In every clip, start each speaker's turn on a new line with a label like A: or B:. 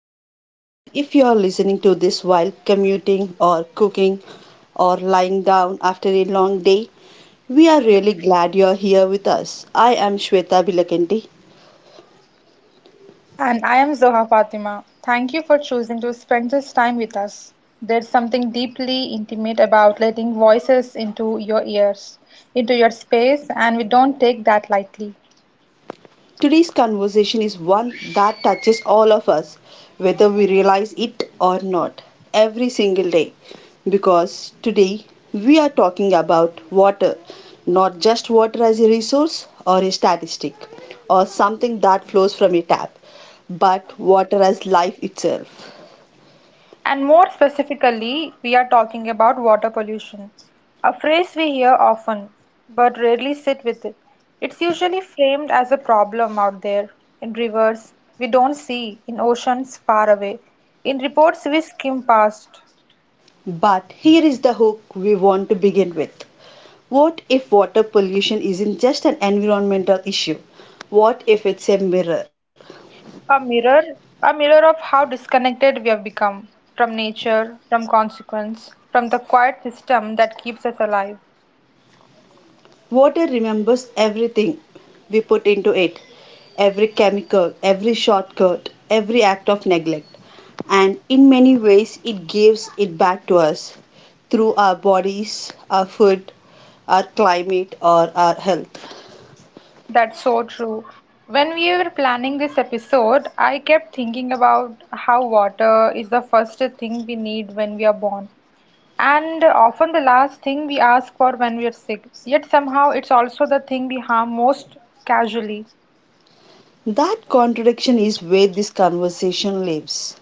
A: welcome back. If you are listening to this while commuting or cooking or lying down after a long day, we are really glad you are here with us. I am Shweta Bilakanti.
B: And I am Zoha Fatima. Thank you for choosing to spend this time with us. There's something deeply intimate about letting voices into your ears, into your space, and we don't take that lightly.
A: Today's conversation is one that touches all of us, whether we realize it or not, every single day. Because today we are talking about water, not just water as a resource or a statistic or something that flows from a tap, but water as life itself.
B: And more specifically, we are talking about water pollution, a phrase we hear often but rarely sit with it. It's usually framed as a problem out there, in rivers we don't see, in oceans far away, in reports we skim past.
A: But here is the hook we want to begin with. What if water pollution isn't just an environmental issue? What if it's a mirror?
B: A mirror, a mirror of how disconnected we have become from nature, from consequence, from the quiet system that keeps us alive.
A: Water remembers everything we put into it, every chemical, every shortcut, every act of neglect. And in many ways, it gives it back to us through our bodies, our food, our climate, or our health.
B: That's so true. When we were planning this episode, I kept thinking about how water is the first thing we need when we are born, and often the last thing we ask for when we are sick. Yet somehow it's also the thing we harm most casually.
A: That contradiction is where this conversation lives,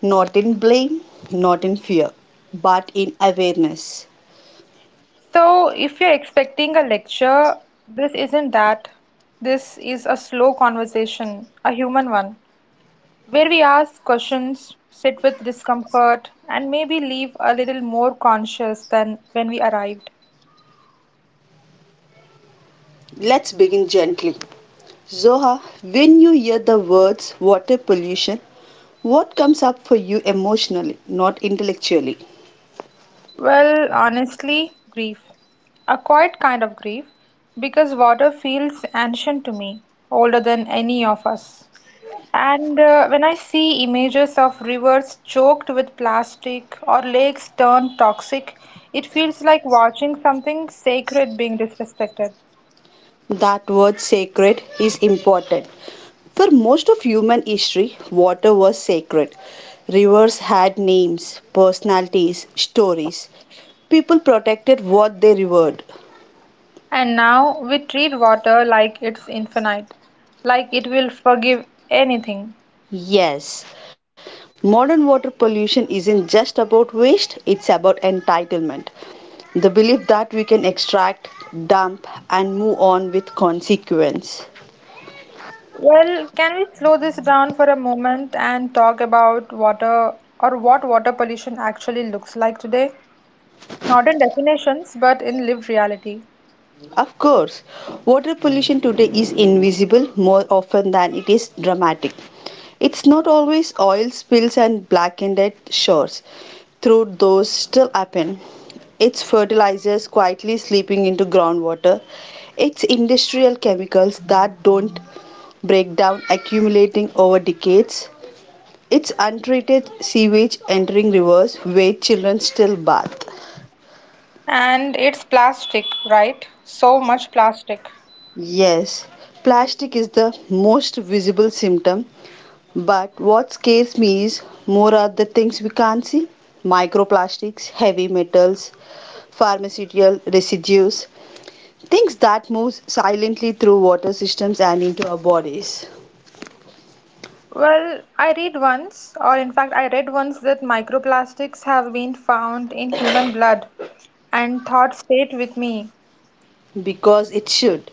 A: not in blame, not in fear, but in awareness.
B: So, if you're expecting a lecture, this isn't that. This is a slow conversation, a human one, where we ask questions, sit with discomfort, and maybe leave a little more conscious than when we arrived.
A: Let's begin gently. Zoha, when you hear the words water pollution, what comes up for you emotionally, not intellectually?
B: Well, honestly, grief. A quiet kind of grief, because water feels ancient to me, older than any of us. And when I see images of rivers choked with plastic or lakes turned toxic, it feels like watching something sacred being disrespected.
A: That word sacred is important. For most of human history, water was sacred. Rivers had names, personalities, stories. People protected what they revered.
B: And now we treat water like it's infinite, like it will forgive anything.
A: Yes, modern water pollution isn't just about waste, it's about entitlement. The belief that we can extract, dump, and move on with consequence.
B: Well, can we slow this down for a moment and talk about water or what water pollution actually looks like today? Not in definitions, but in lived reality.
A: Of course, water pollution today is invisible more often than it is dramatic. It's not always oil spills and blackened shores, though those still happen. It's fertilizers quietly slipping into groundwater. It's industrial chemicals that don't break down, accumulating over decades. It's untreated sewage entering rivers where children still bathe.
B: And it's plastic, right? So much plastic.
A: Yes, plastic is the most visible symptom. But what scares me is more are the things we can't see: microplastics, heavy metals, pharmaceutical residues, things that move silently through water systems and into our bodies.
B: Well, I read once, or in fact, I read once that microplastics have been found in human blood, and thought stayed with me.
A: Because it should.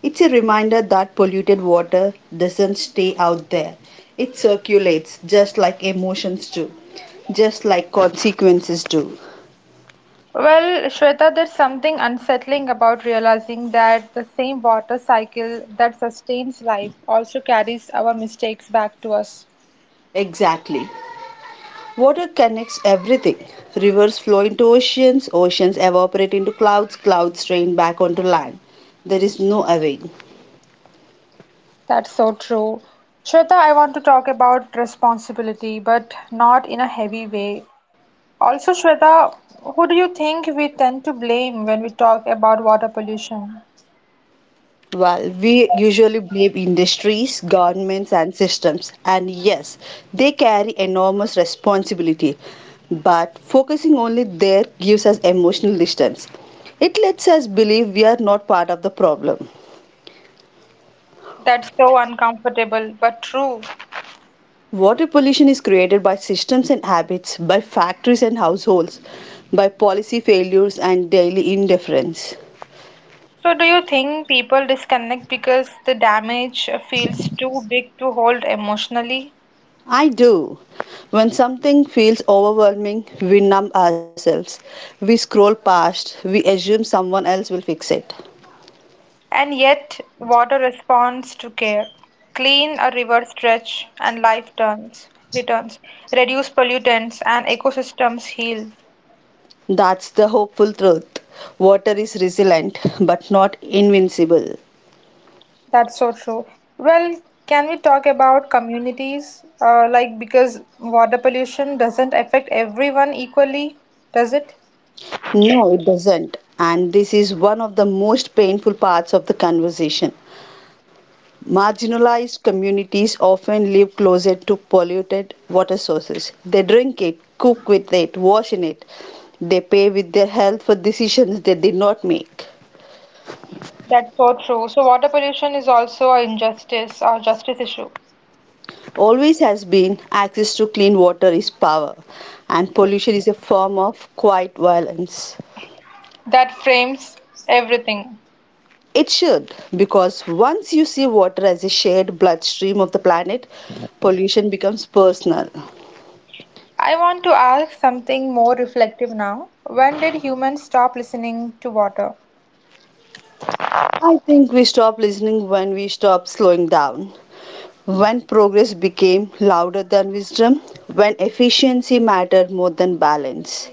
A: It's a reminder that polluted water doesn't stay out there. It circulates just like emotions do, just like consequences do.
B: Well, Shweta, there's something unsettling about realizing that the same water cycle that sustains life also carries our mistakes back to us.
A: Exactly. Water connects everything. Rivers flow into oceans, oceans evaporate into clouds, clouds rain back onto land. There is no evading.
B: That's so true. Shweta, I want to talk about responsibility, but not in a heavy way. Also, Shweta, who do you think we tend to blame when we talk about water pollution?
A: Well, we usually blame industries, governments, and systems. And yes, they carry enormous responsibility. But focusing only there gives us emotional distance. It lets us believe we are not part of the problem.
B: That's so uncomfortable but true.
A: Water pollution is created by systems and habits, by factories and households, by policy failures and daily indifference.
B: So, do you think people disconnect because the damage feels too big to hold emotionally?
A: I do. When something feels overwhelming, we numb ourselves. We scroll past. We assume someone else will fix it.
B: And yet, water responds to care. Clean a river stretch and life returns. Reduce pollutants and ecosystems heal.
A: That's the hopeful truth. Water is resilient, but not invincible.
B: That's so true. Well, can we talk about communities? Like, because water pollution doesn't affect everyone equally, does it?
A: No, it doesn't. And this is one of the most painful parts of the conversation. Marginalized communities often live closer to polluted water sources. They drink it, cook with it, wash in it. They pay with their health for decisions they did not make.
B: That's so true. So, water pollution is also an injustice or justice issue
A: Always has been. Access to clean water is power, and pollution is a form of quiet violence.
B: that frames everything.
A: It should, because once you see water as a shared bloodstream of the planet, pollution becomes personal.
B: I want to ask something more reflective now. When did humans stop listening to water?
A: I think we stop listening when we stop slowing down. When progress became louder than wisdom, when efficiency mattered more than balance.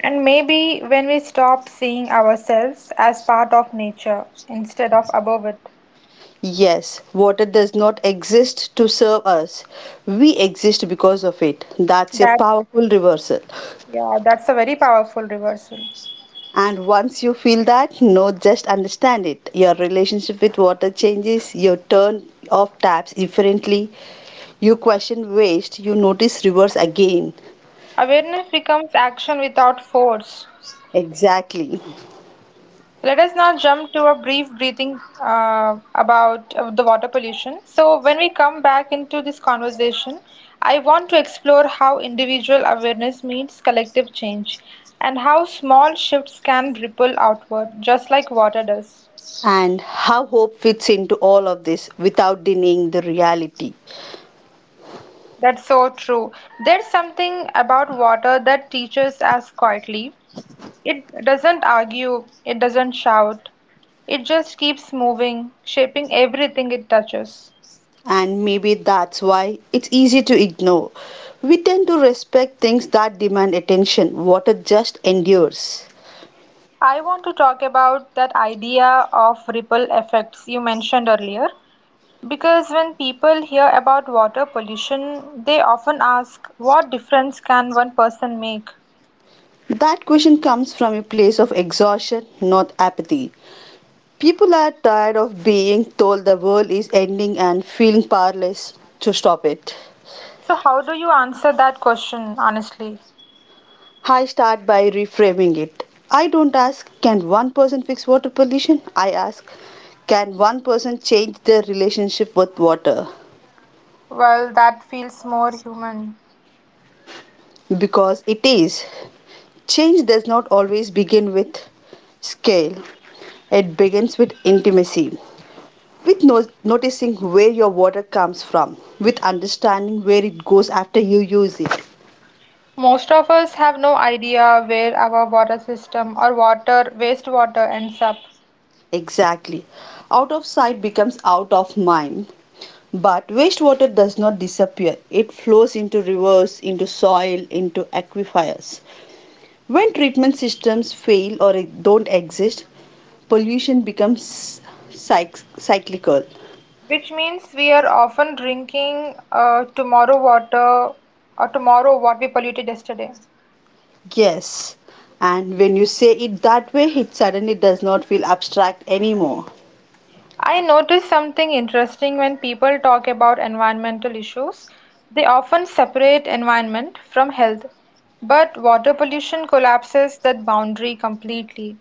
B: And maybe when we stopped seeing ourselves as part of nature instead of above it.
A: Yes, water does not exist to serve us. We exist because of it. That's a
B: That's
A: powerful reversal.
B: Yeah, that's a very powerful reversal.
A: And once you feel that, no, just understand it. Your relationship with water changes, your turn off taps differently, you question waste, you notice reverse again.
B: Awareness becomes action without force.
A: Exactly.
B: Let us now jump to a brief breathing about the water pollution. So, when we come back into this conversation, I want to explore how individual awareness meets collective change and how small shifts can ripple outward, just like water does.
A: And how hope fits into all of this without denying the reality.
B: That's so true. There's something about water that teaches us quietly. It doesn't argue, it doesn't shout, it just keeps moving, shaping everything it touches.
A: And maybe that's why it's easy to ignore. We tend to respect things that demand attention. Water just endures.
B: I want to talk about that idea of ripple effects you mentioned earlier, because when people hear about water pollution, they often ask, "What difference can one person make?"
A: That question comes from a place of exhaustion, not apathy. People are tired of being told the world is ending and feeling powerless to stop it.
B: So, how do you answer that question honestly?
A: I start by reframing it. I don't ask, can one person fix water pollution? I ask, can one person change their relationship with water?
B: Well, that feels more human.
A: Because it is. Change does not always begin with scale, it begins with intimacy, with noticing where your water comes from, with understanding where it goes after you use it.
B: Most of us have no idea where our water system or water, wastewater ends up.
A: Exactly. Out of sight becomes out of mind. But wastewater does not disappear. It flows into rivers, into soil, into aquifers. When treatment systems fail or don't exist, pollution becomes cyclical.
B: Which means we are often drinking tomorrow water or tomorrow what we polluted yesterday.
A: Yes. And when you say it that way, it suddenly does not feel abstract anymore.
B: I noticed something interesting when people talk about environmental issues. They often separate environment from health, but water pollution collapses that boundary completely.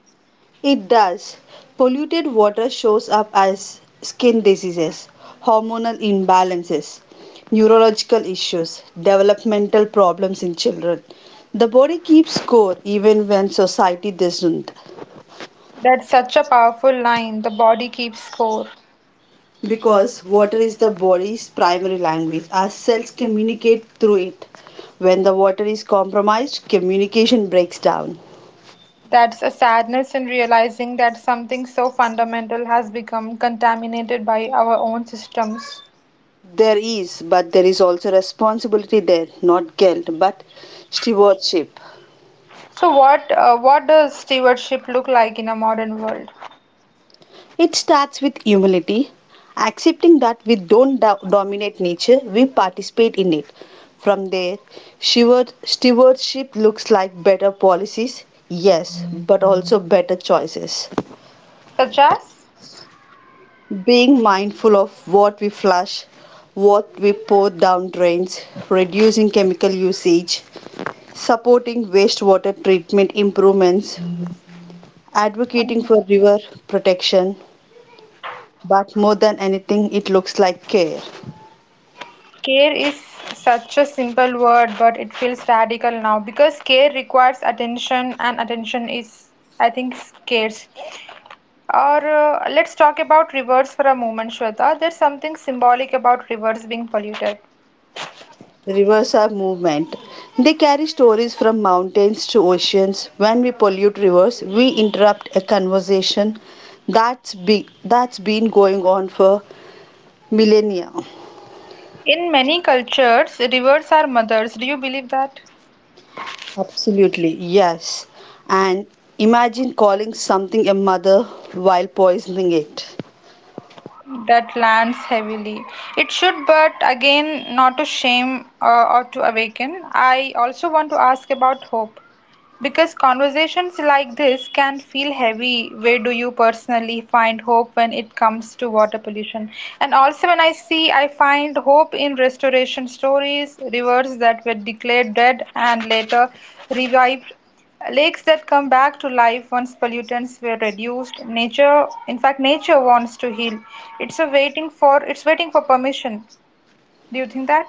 A: It does. Polluted water shows up as skin diseases, hormonal imbalances, neurological issues, developmental problems in children. The body keeps score even when society doesn't.
B: That's such a powerful line, the body keeps score.
A: Because water is the body's primary language, our cells communicate through it. When the water is compromised, communication breaks down.
B: That's a sadness in realizing that something so fundamental has become contaminated by our own systems.
A: There is, but there is also responsibility there, not guilt, but stewardship.
B: So what does stewardship look like in a modern world?
A: It starts with humility, accepting that we don't dominate nature, we participate in it. From there, stewardship looks like better policies, yes, but also better choices.
B: Such as
A: Being mindful of what we flush, what we pour down drains, reducing chemical usage, supporting wastewater treatment improvements, advocating for
B: mm,
A: river protection, but more than anything, it looks like care.
B: care is such a simple word, but it feels radical now because care requires attention, and attention is, I think, scarce. Or Let's talk about rivers for a moment, Shweta. There's something symbolic about rivers being polluted.
A: Rivers are movement. They carry stories from mountains to oceans. When we pollute rivers, we interrupt a conversation that's be- that's been going on for millennia.
B: In many cultures, rivers are mothers. Do you believe that?
A: Absolutely, yes. And imagine calling something a mother while poisoning it.
B: That lands heavily. It should, but again, not to shame or to awaken. I also want to ask about hope. Because conversations like this can feel heavy. Where do you personally find hope when it comes to water pollution? And also, when I see, I find hope in restoration stories, rivers that were declared dead and later revived, lakes that come back to life once pollutants were reduced. Nature, in fact, nature wants to heal. It's a waiting for. It's waiting for permission. Do you think that?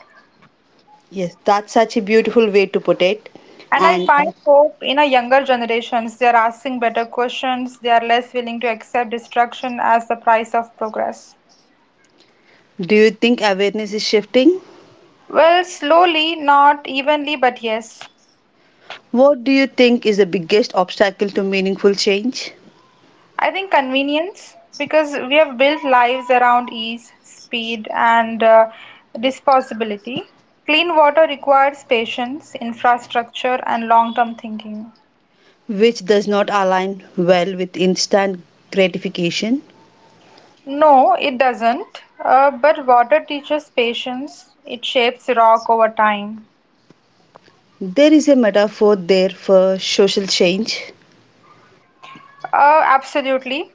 A: Yes, that's such a beautiful way to put it.
B: And I
A: And
B: find hope in a younger generations. They are asking better questions. They are less willing to accept destruction as the price of progress.
A: do you think awareness is shifting?
B: Well, slowly, not evenly, but yes.
A: What do you think is the biggest obstacle to meaningful change?
B: I think convenience, because we have built lives around ease, speed, and disposability. Clean water requires patience, infrastructure, and long term thinking.
A: Which does not align well with instant gratification.
B: No, it doesn't. But water teaches patience, it shapes rock over time.
A: There is a metaphor there for social change.
B: Absolutely.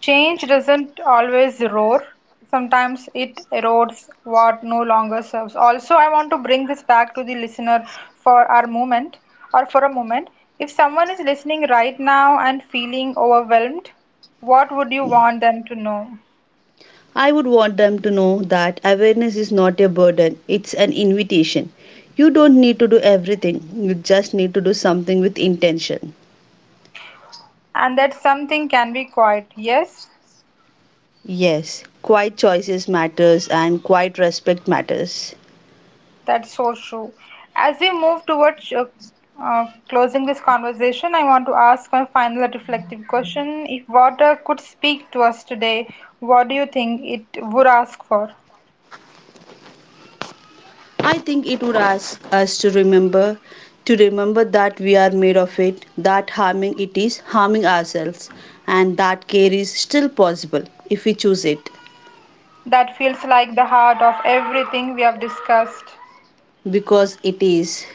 B: Change doesn't always roar. Sometimes it erodes what no longer serves. Also, I want to bring this back to the listener for our moment for a moment. If someone is listening right now and feeling overwhelmed, what would you want them to know?
A: I would want them to know that awareness is not a burden, it's an invitation. You don't need to do everything, you just need to do something with intention.
B: And that something can be quiet. Yes.
A: Yes, quiet choices matters and quiet respect matters.
B: That's so true. As we move towards uh, closing this conversation, I want to ask my final reflective question. If water could speak to us today, what do you think it would ask for?
A: I think it would ask us to remember, to remember that we are made of it, that harming it is harming ourselves, and that care is still possible if we choose it.
B: That feels like the heart of everything we have discussed.
A: Because it is.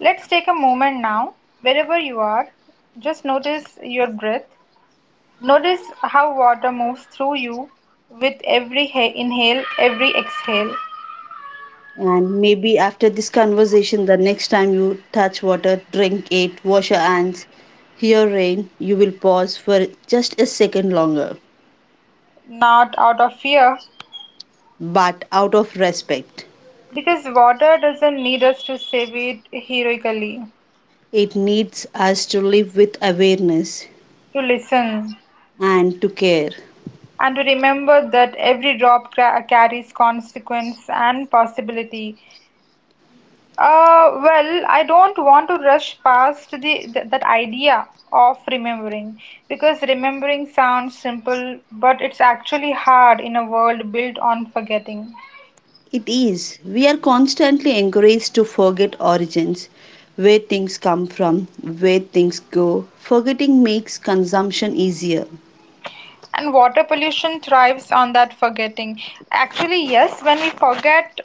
B: Let's take a moment now, wherever you are, just notice your breath. Notice how water moves through you with every inhale, every exhale.
A: And maybe after this conversation, the next time you touch water, drink it, wash your hands, hear rain, you will pause for just a second longer.
B: Not out of fear.
A: But out of respect,
B: Because water doesn't need us to save it heroically,
A: it needs us to live with awareness
B: to listen,
A: and to care.
B: and to remember that every drop carries consequence and possibility. Well, I don't want to rush past that idea of remembering, because remembering sounds simple, but it's actually hard in a world built on forgetting.
A: It is. We are constantly encouraged to forget origins, where things come from, where things go. Forgetting makes consumption easier.
B: And water pollution thrives on that forgetting. Actually, yes, when we forget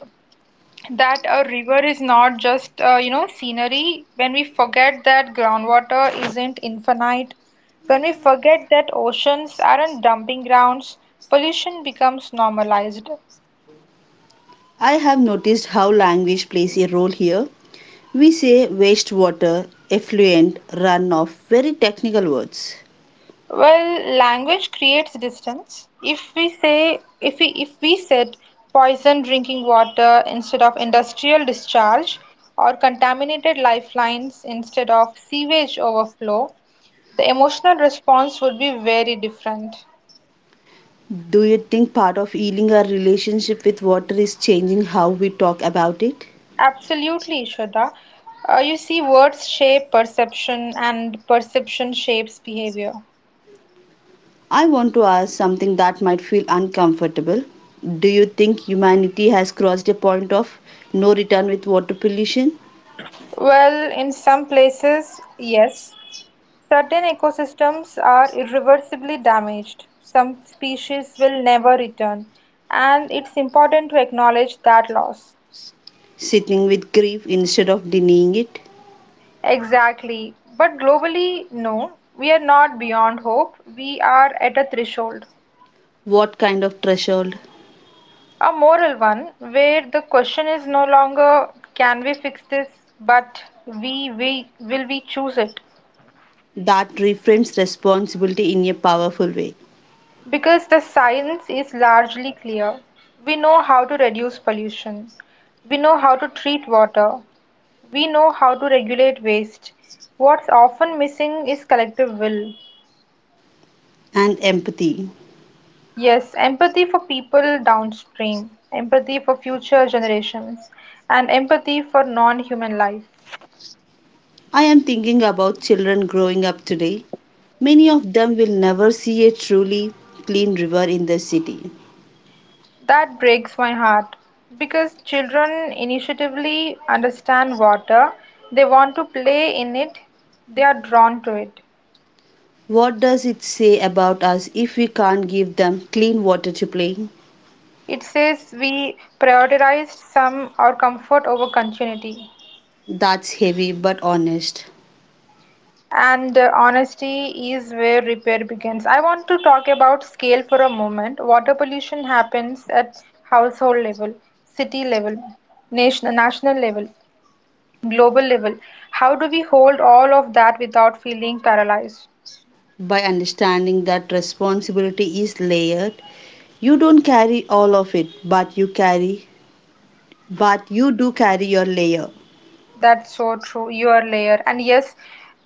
B: that a river is not just you know scenery, when we forget that groundwater isn't infinite, when we forget that oceans aren't dumping grounds, pollution becomes normalized.
A: I have noticed how language plays a role here. We say wastewater, effluent, runoff, very technical words.
B: Well, language creates distance. If we say if we if we said poison drinking water instead of industrial discharge, or contaminated lifelines instead of sewage overflow, the emotional response would be very different.
A: Do you think part of healing our relationship with water is changing how we talk about it?
B: Absolutely, Shraddha. You see, words shape perception, and perception shapes behavior.
A: I want to ask something that might feel uncomfortable. Do you think humanity has crossed a point of no return with water pollution?
B: Well, in some places, yes. Certain ecosystems are irreversibly damaged. Some species will never return, and it's important to acknowledge that loss.
A: Sitting with grief instead of denying it?
B: Exactly. But globally, no, we are not beyond hope. We are at a threshold.
A: What kind of threshold?
B: A moral one, where the question is no longer can we fix this, but we choose it?
A: That reframes responsibility in a powerful way.
B: Because the science is largely clear. We know how to reduce pollution. We know how to treat water. We know how to regulate waste. What's often missing is collective will.
A: And empathy.
B: Yes, empathy for people downstream, empathy for future generations, and empathy for non human life.
A: I am thinking about children growing up today. Many of them will never see a truly clean river in the city.
B: That breaks my heart, because children intuitively understand water, they want to play in it, they are drawn to it.
A: What does it say about us if we can't give them clean water to play?
B: It says we prioritized some our comfort over continuity.
A: That's heavy but honest.
B: And honesty is where repair begins. I want to talk about scale for a moment. Water pollution happens at household level, city level, national level, global level. How do we hold all of that without feeling paralyzed?
A: By understanding that responsibility is layered, you don't carry all of it, but you carry, but you do carry your layer.
B: That's so true. Your layer.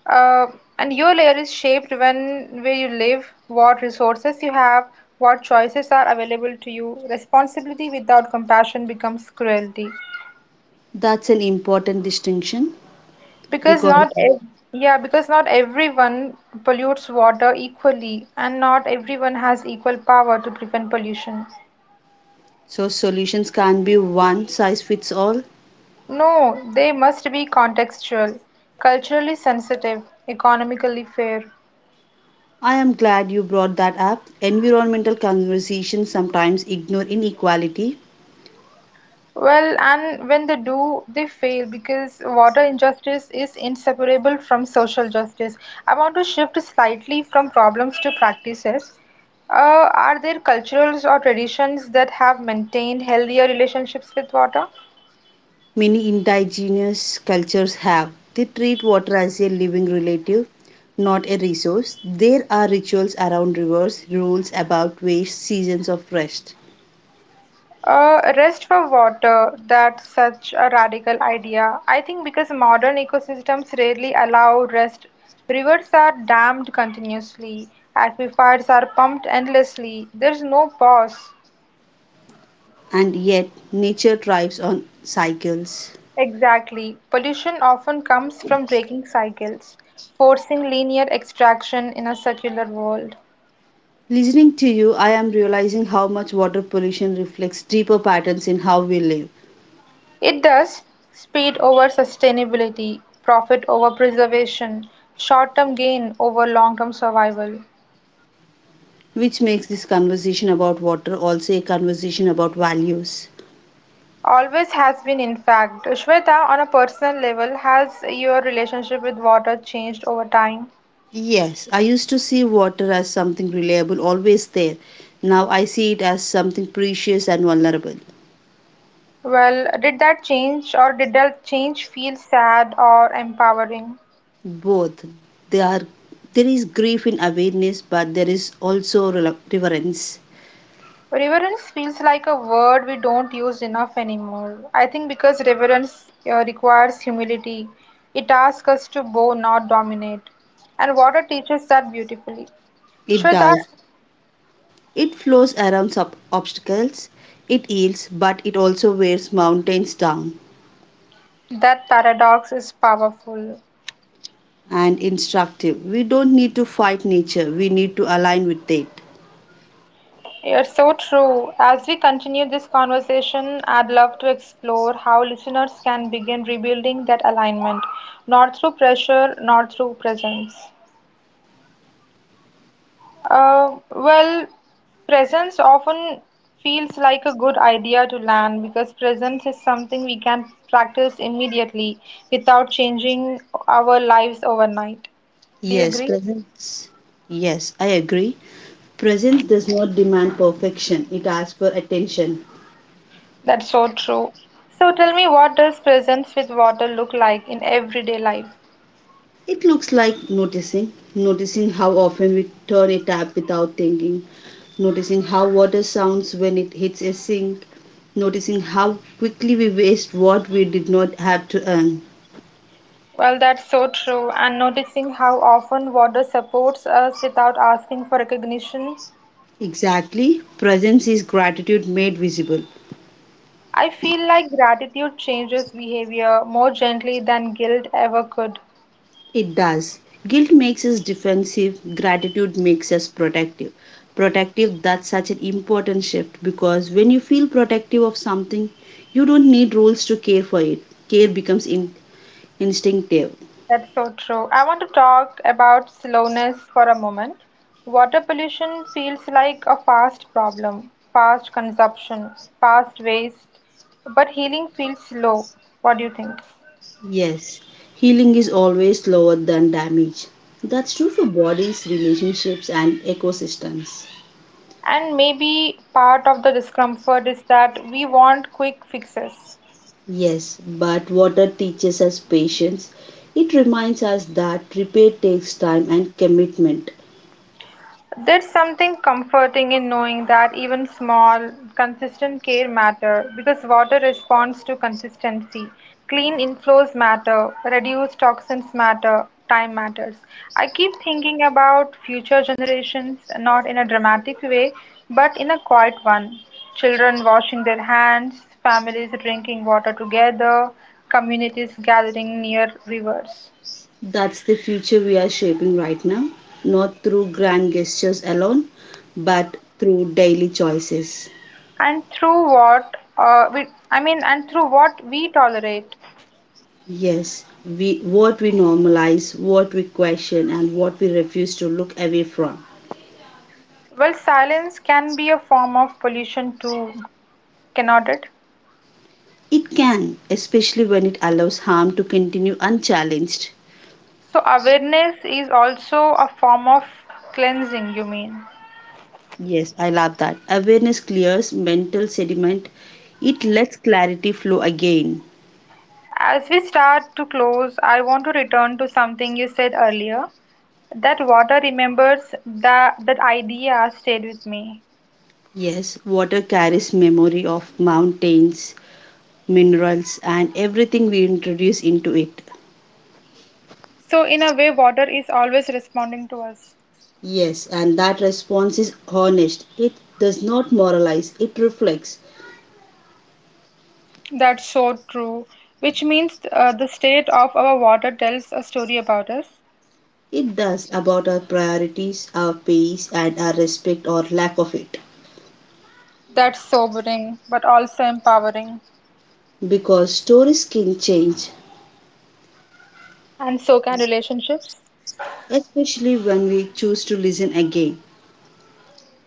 B: uh, and your layer is shaped when where you live, what resources you have, what choices are available to you. Responsibility without compassion becomes cruelty.
A: That's an important distinction
B: Because
A: because
B: not ev Yeah, because not everyone pollutes water equally, and not everyone has equal power to prevent pollution.
A: so solutions can't be one size fits all.
B: No, they must be contextual, culturally sensitive, economically fair.
A: I am glad you brought that up. Environmental conversations sometimes ignore inequality.
B: Well, and when they do, they fail, because water injustice is inseparable from social justice. I want to shift slightly from problems to practices. Are there cultures or traditions that have maintained healthier relationships with water?
A: Many indigenous cultures have. They treat water as a living relative, not a resource. There are rituals around rivers, rules about waste, seasons of rest.
B: Rest for water, that's such a radical idea. I think because modern ecosystems rarely allow rest, rivers are dammed continuously, aquifers are pumped endlessly, there's no pause.
A: And yet, nature thrives on cycles.
B: Exactly. Pollution often comes from breaking cycles, forcing linear extraction in a circular world.
A: Listening to you, I am realizing how much water pollution reflects deeper patterns in how we live,
B: It does, speed over sustainability, profit over preservation, short term gain over long term survival.
A: which makes this conversation about water also a conversation about values.
B: Always has been, in fact. Shweta, on a personal level, has your relationship with water changed over time?
A: Yes, I used to see water as something reliable, always there. Now I see it as something precious and vulnerable.
B: Well, did that change feel sad or empowering?
A: Both. They are, there is grief in awareness, but there is also reverence.
B: Reverence feels like a word we don't use enough anymore. I think because reverence requires humility, it asks us to bow, not dominate. And water teaches that beautifully.
A: It
B: Shweta,
A: does. It flows around obstacles. It heals, but it also wears mountains down.
B: that paradox is powerful.
A: And instructive. We don't need to fight nature, we need to align with it.
B: You're so true. As we continue this conversation, I'd love to explore how listeners can begin rebuilding that alignment, not through pressure, not through presence. Well, presence often feels like a good idea to learn, because presence is something we can practice immediately without changing our lives overnight. Do you
A: Yes,
B: agree?
A: presence. Yes, I agree. Presence does not demand perfection, it asks for attention.
B: That's so true. So tell me, what does presence with water look like in everyday life?
A: It looks like noticing, noticing how often we turn a tap without thinking, noticing how water sounds when it hits a sink, noticing how quickly we waste what we did not have to earn.
B: Well, that's so true. And noticing how often water supports us without asking for recognition.
A: Exactly, presence is gratitude made visible.
B: I feel like gratitude changes behavior more gently than guilt ever could.
A: It does. Guilt makes us defensive, gratitude makes us protective. Protective, that's such an important shift because when you feel protective of something, you don't need rules to care for it. Care becomes instinctive.
B: That's so true. I want to talk about slowness for a moment. Water pollution feels like a fast problem, fast consumption, fast waste, but healing feels slow. What do you think?
A: Yes, healing is always slower than damage. That's true for bodies, relationships, and ecosystems.
B: And maybe part of the discomfort is that we want quick fixes.
A: Yes, but water teaches us patience. It reminds us that repair takes time and commitment.
B: There's something comforting in knowing that even small, consistent care matter, because water responds to consistency. Clean inflows matter, reduced toxins matter, time matters. I keep thinking about future generations, not in a dramatic way, but in a quiet one. Children washing their hands, families drinking water together, communities gathering near rivers.
A: That's the future we are shaping right now, not through grand gestures alone, but through daily choices.
B: And through what we tolerate.
A: Yes, we what we normalize, what we question and what we refuse to look away from.
B: Well, silence can be a form of pollution too, cannot it?
A: It can, especially when it allows harm to continue unchallenged.
B: So, awareness is also a form of cleansing, you mean?
A: Yes, I love that. Awareness clears mental sediment. It lets clarity flow again.
B: As we start to close, I want to return to something you said earlier, that water remembers, that that idea stayed with me.
A: Yes, water carries memory of mountains, minerals, and everything we introduce into it.
B: So, in a way, water is always responding to us.
A: Yes, and that response is honest. It does not moralize, it reflects.
B: That's so true. Which means the state of our water tells a story about us.
A: It does, about our priorities, our pace, and our respect or lack of it.
B: That's sobering, but also empowering.
A: Because stories can change,
B: And so can relationships.
A: especially when we choose to listen again.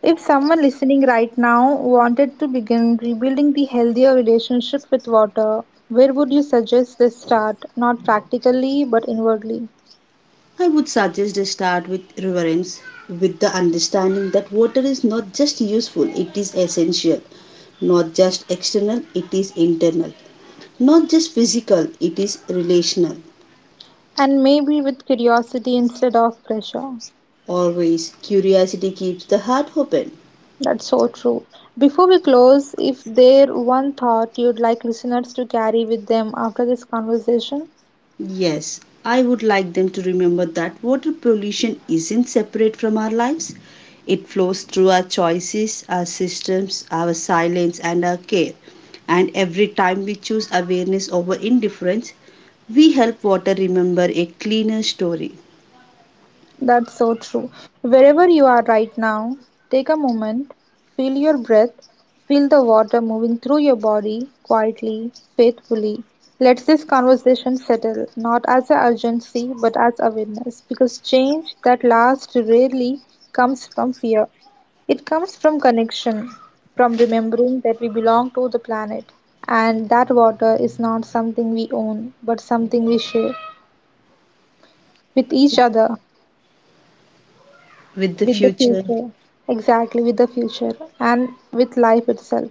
B: If someone listening right now wanted to begin rebuilding the healthier relationship with water, where would you suggest they start? Not practically, but inwardly.
A: I would suggest a start with reverence, with the understanding that water is not just useful, it is essential. Not just external, it is internal. Not just physical, it is relational.
B: And maybe with curiosity instead of pressure.
A: Always, curiosity keeps the heart open.
B: That's so true. Before we close, if there one thought you'd like listeners to carry with them after this conversation?
A: Yes, I would like them to remember that water pollution isn't separate from our lives. It flows through our choices, our systems, our silence, and our care. And every time we choose awareness over indifference, we help water remember a cleaner story
B: That's so true. Wherever you are right now, take a moment, feel your breath, feel the water moving through your body quietly, faithfully. Let this conversation settle, not as an urgency, but as awareness, because change that lasts rarely comes from fear. It comes from connection, from remembering that we belong to the planet, and that water is not something we own, but something we share with each other.
A: with the
B: With the
A: future.
B: future, exactly, with the future, and with life itself.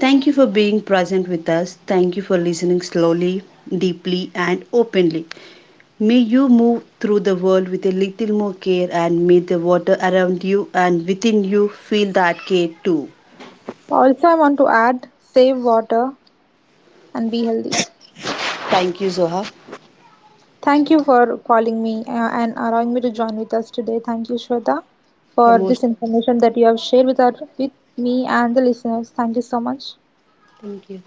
A: Thank you for being present with us. Thank you for listening slowly, deeply, and openly. May you move through the world with a little more care, and may the water around you and within you feel that care too.
B: Also, I want to add, save water and be healthy.
A: Thank you, Zoha.
B: Thank you for calling me and allowing me to join with us today. Thank you, Shweta, for this
A: Emotional.
B: information that you have shared with our, with me and the listeners. Thank you so much.
A: Thank you.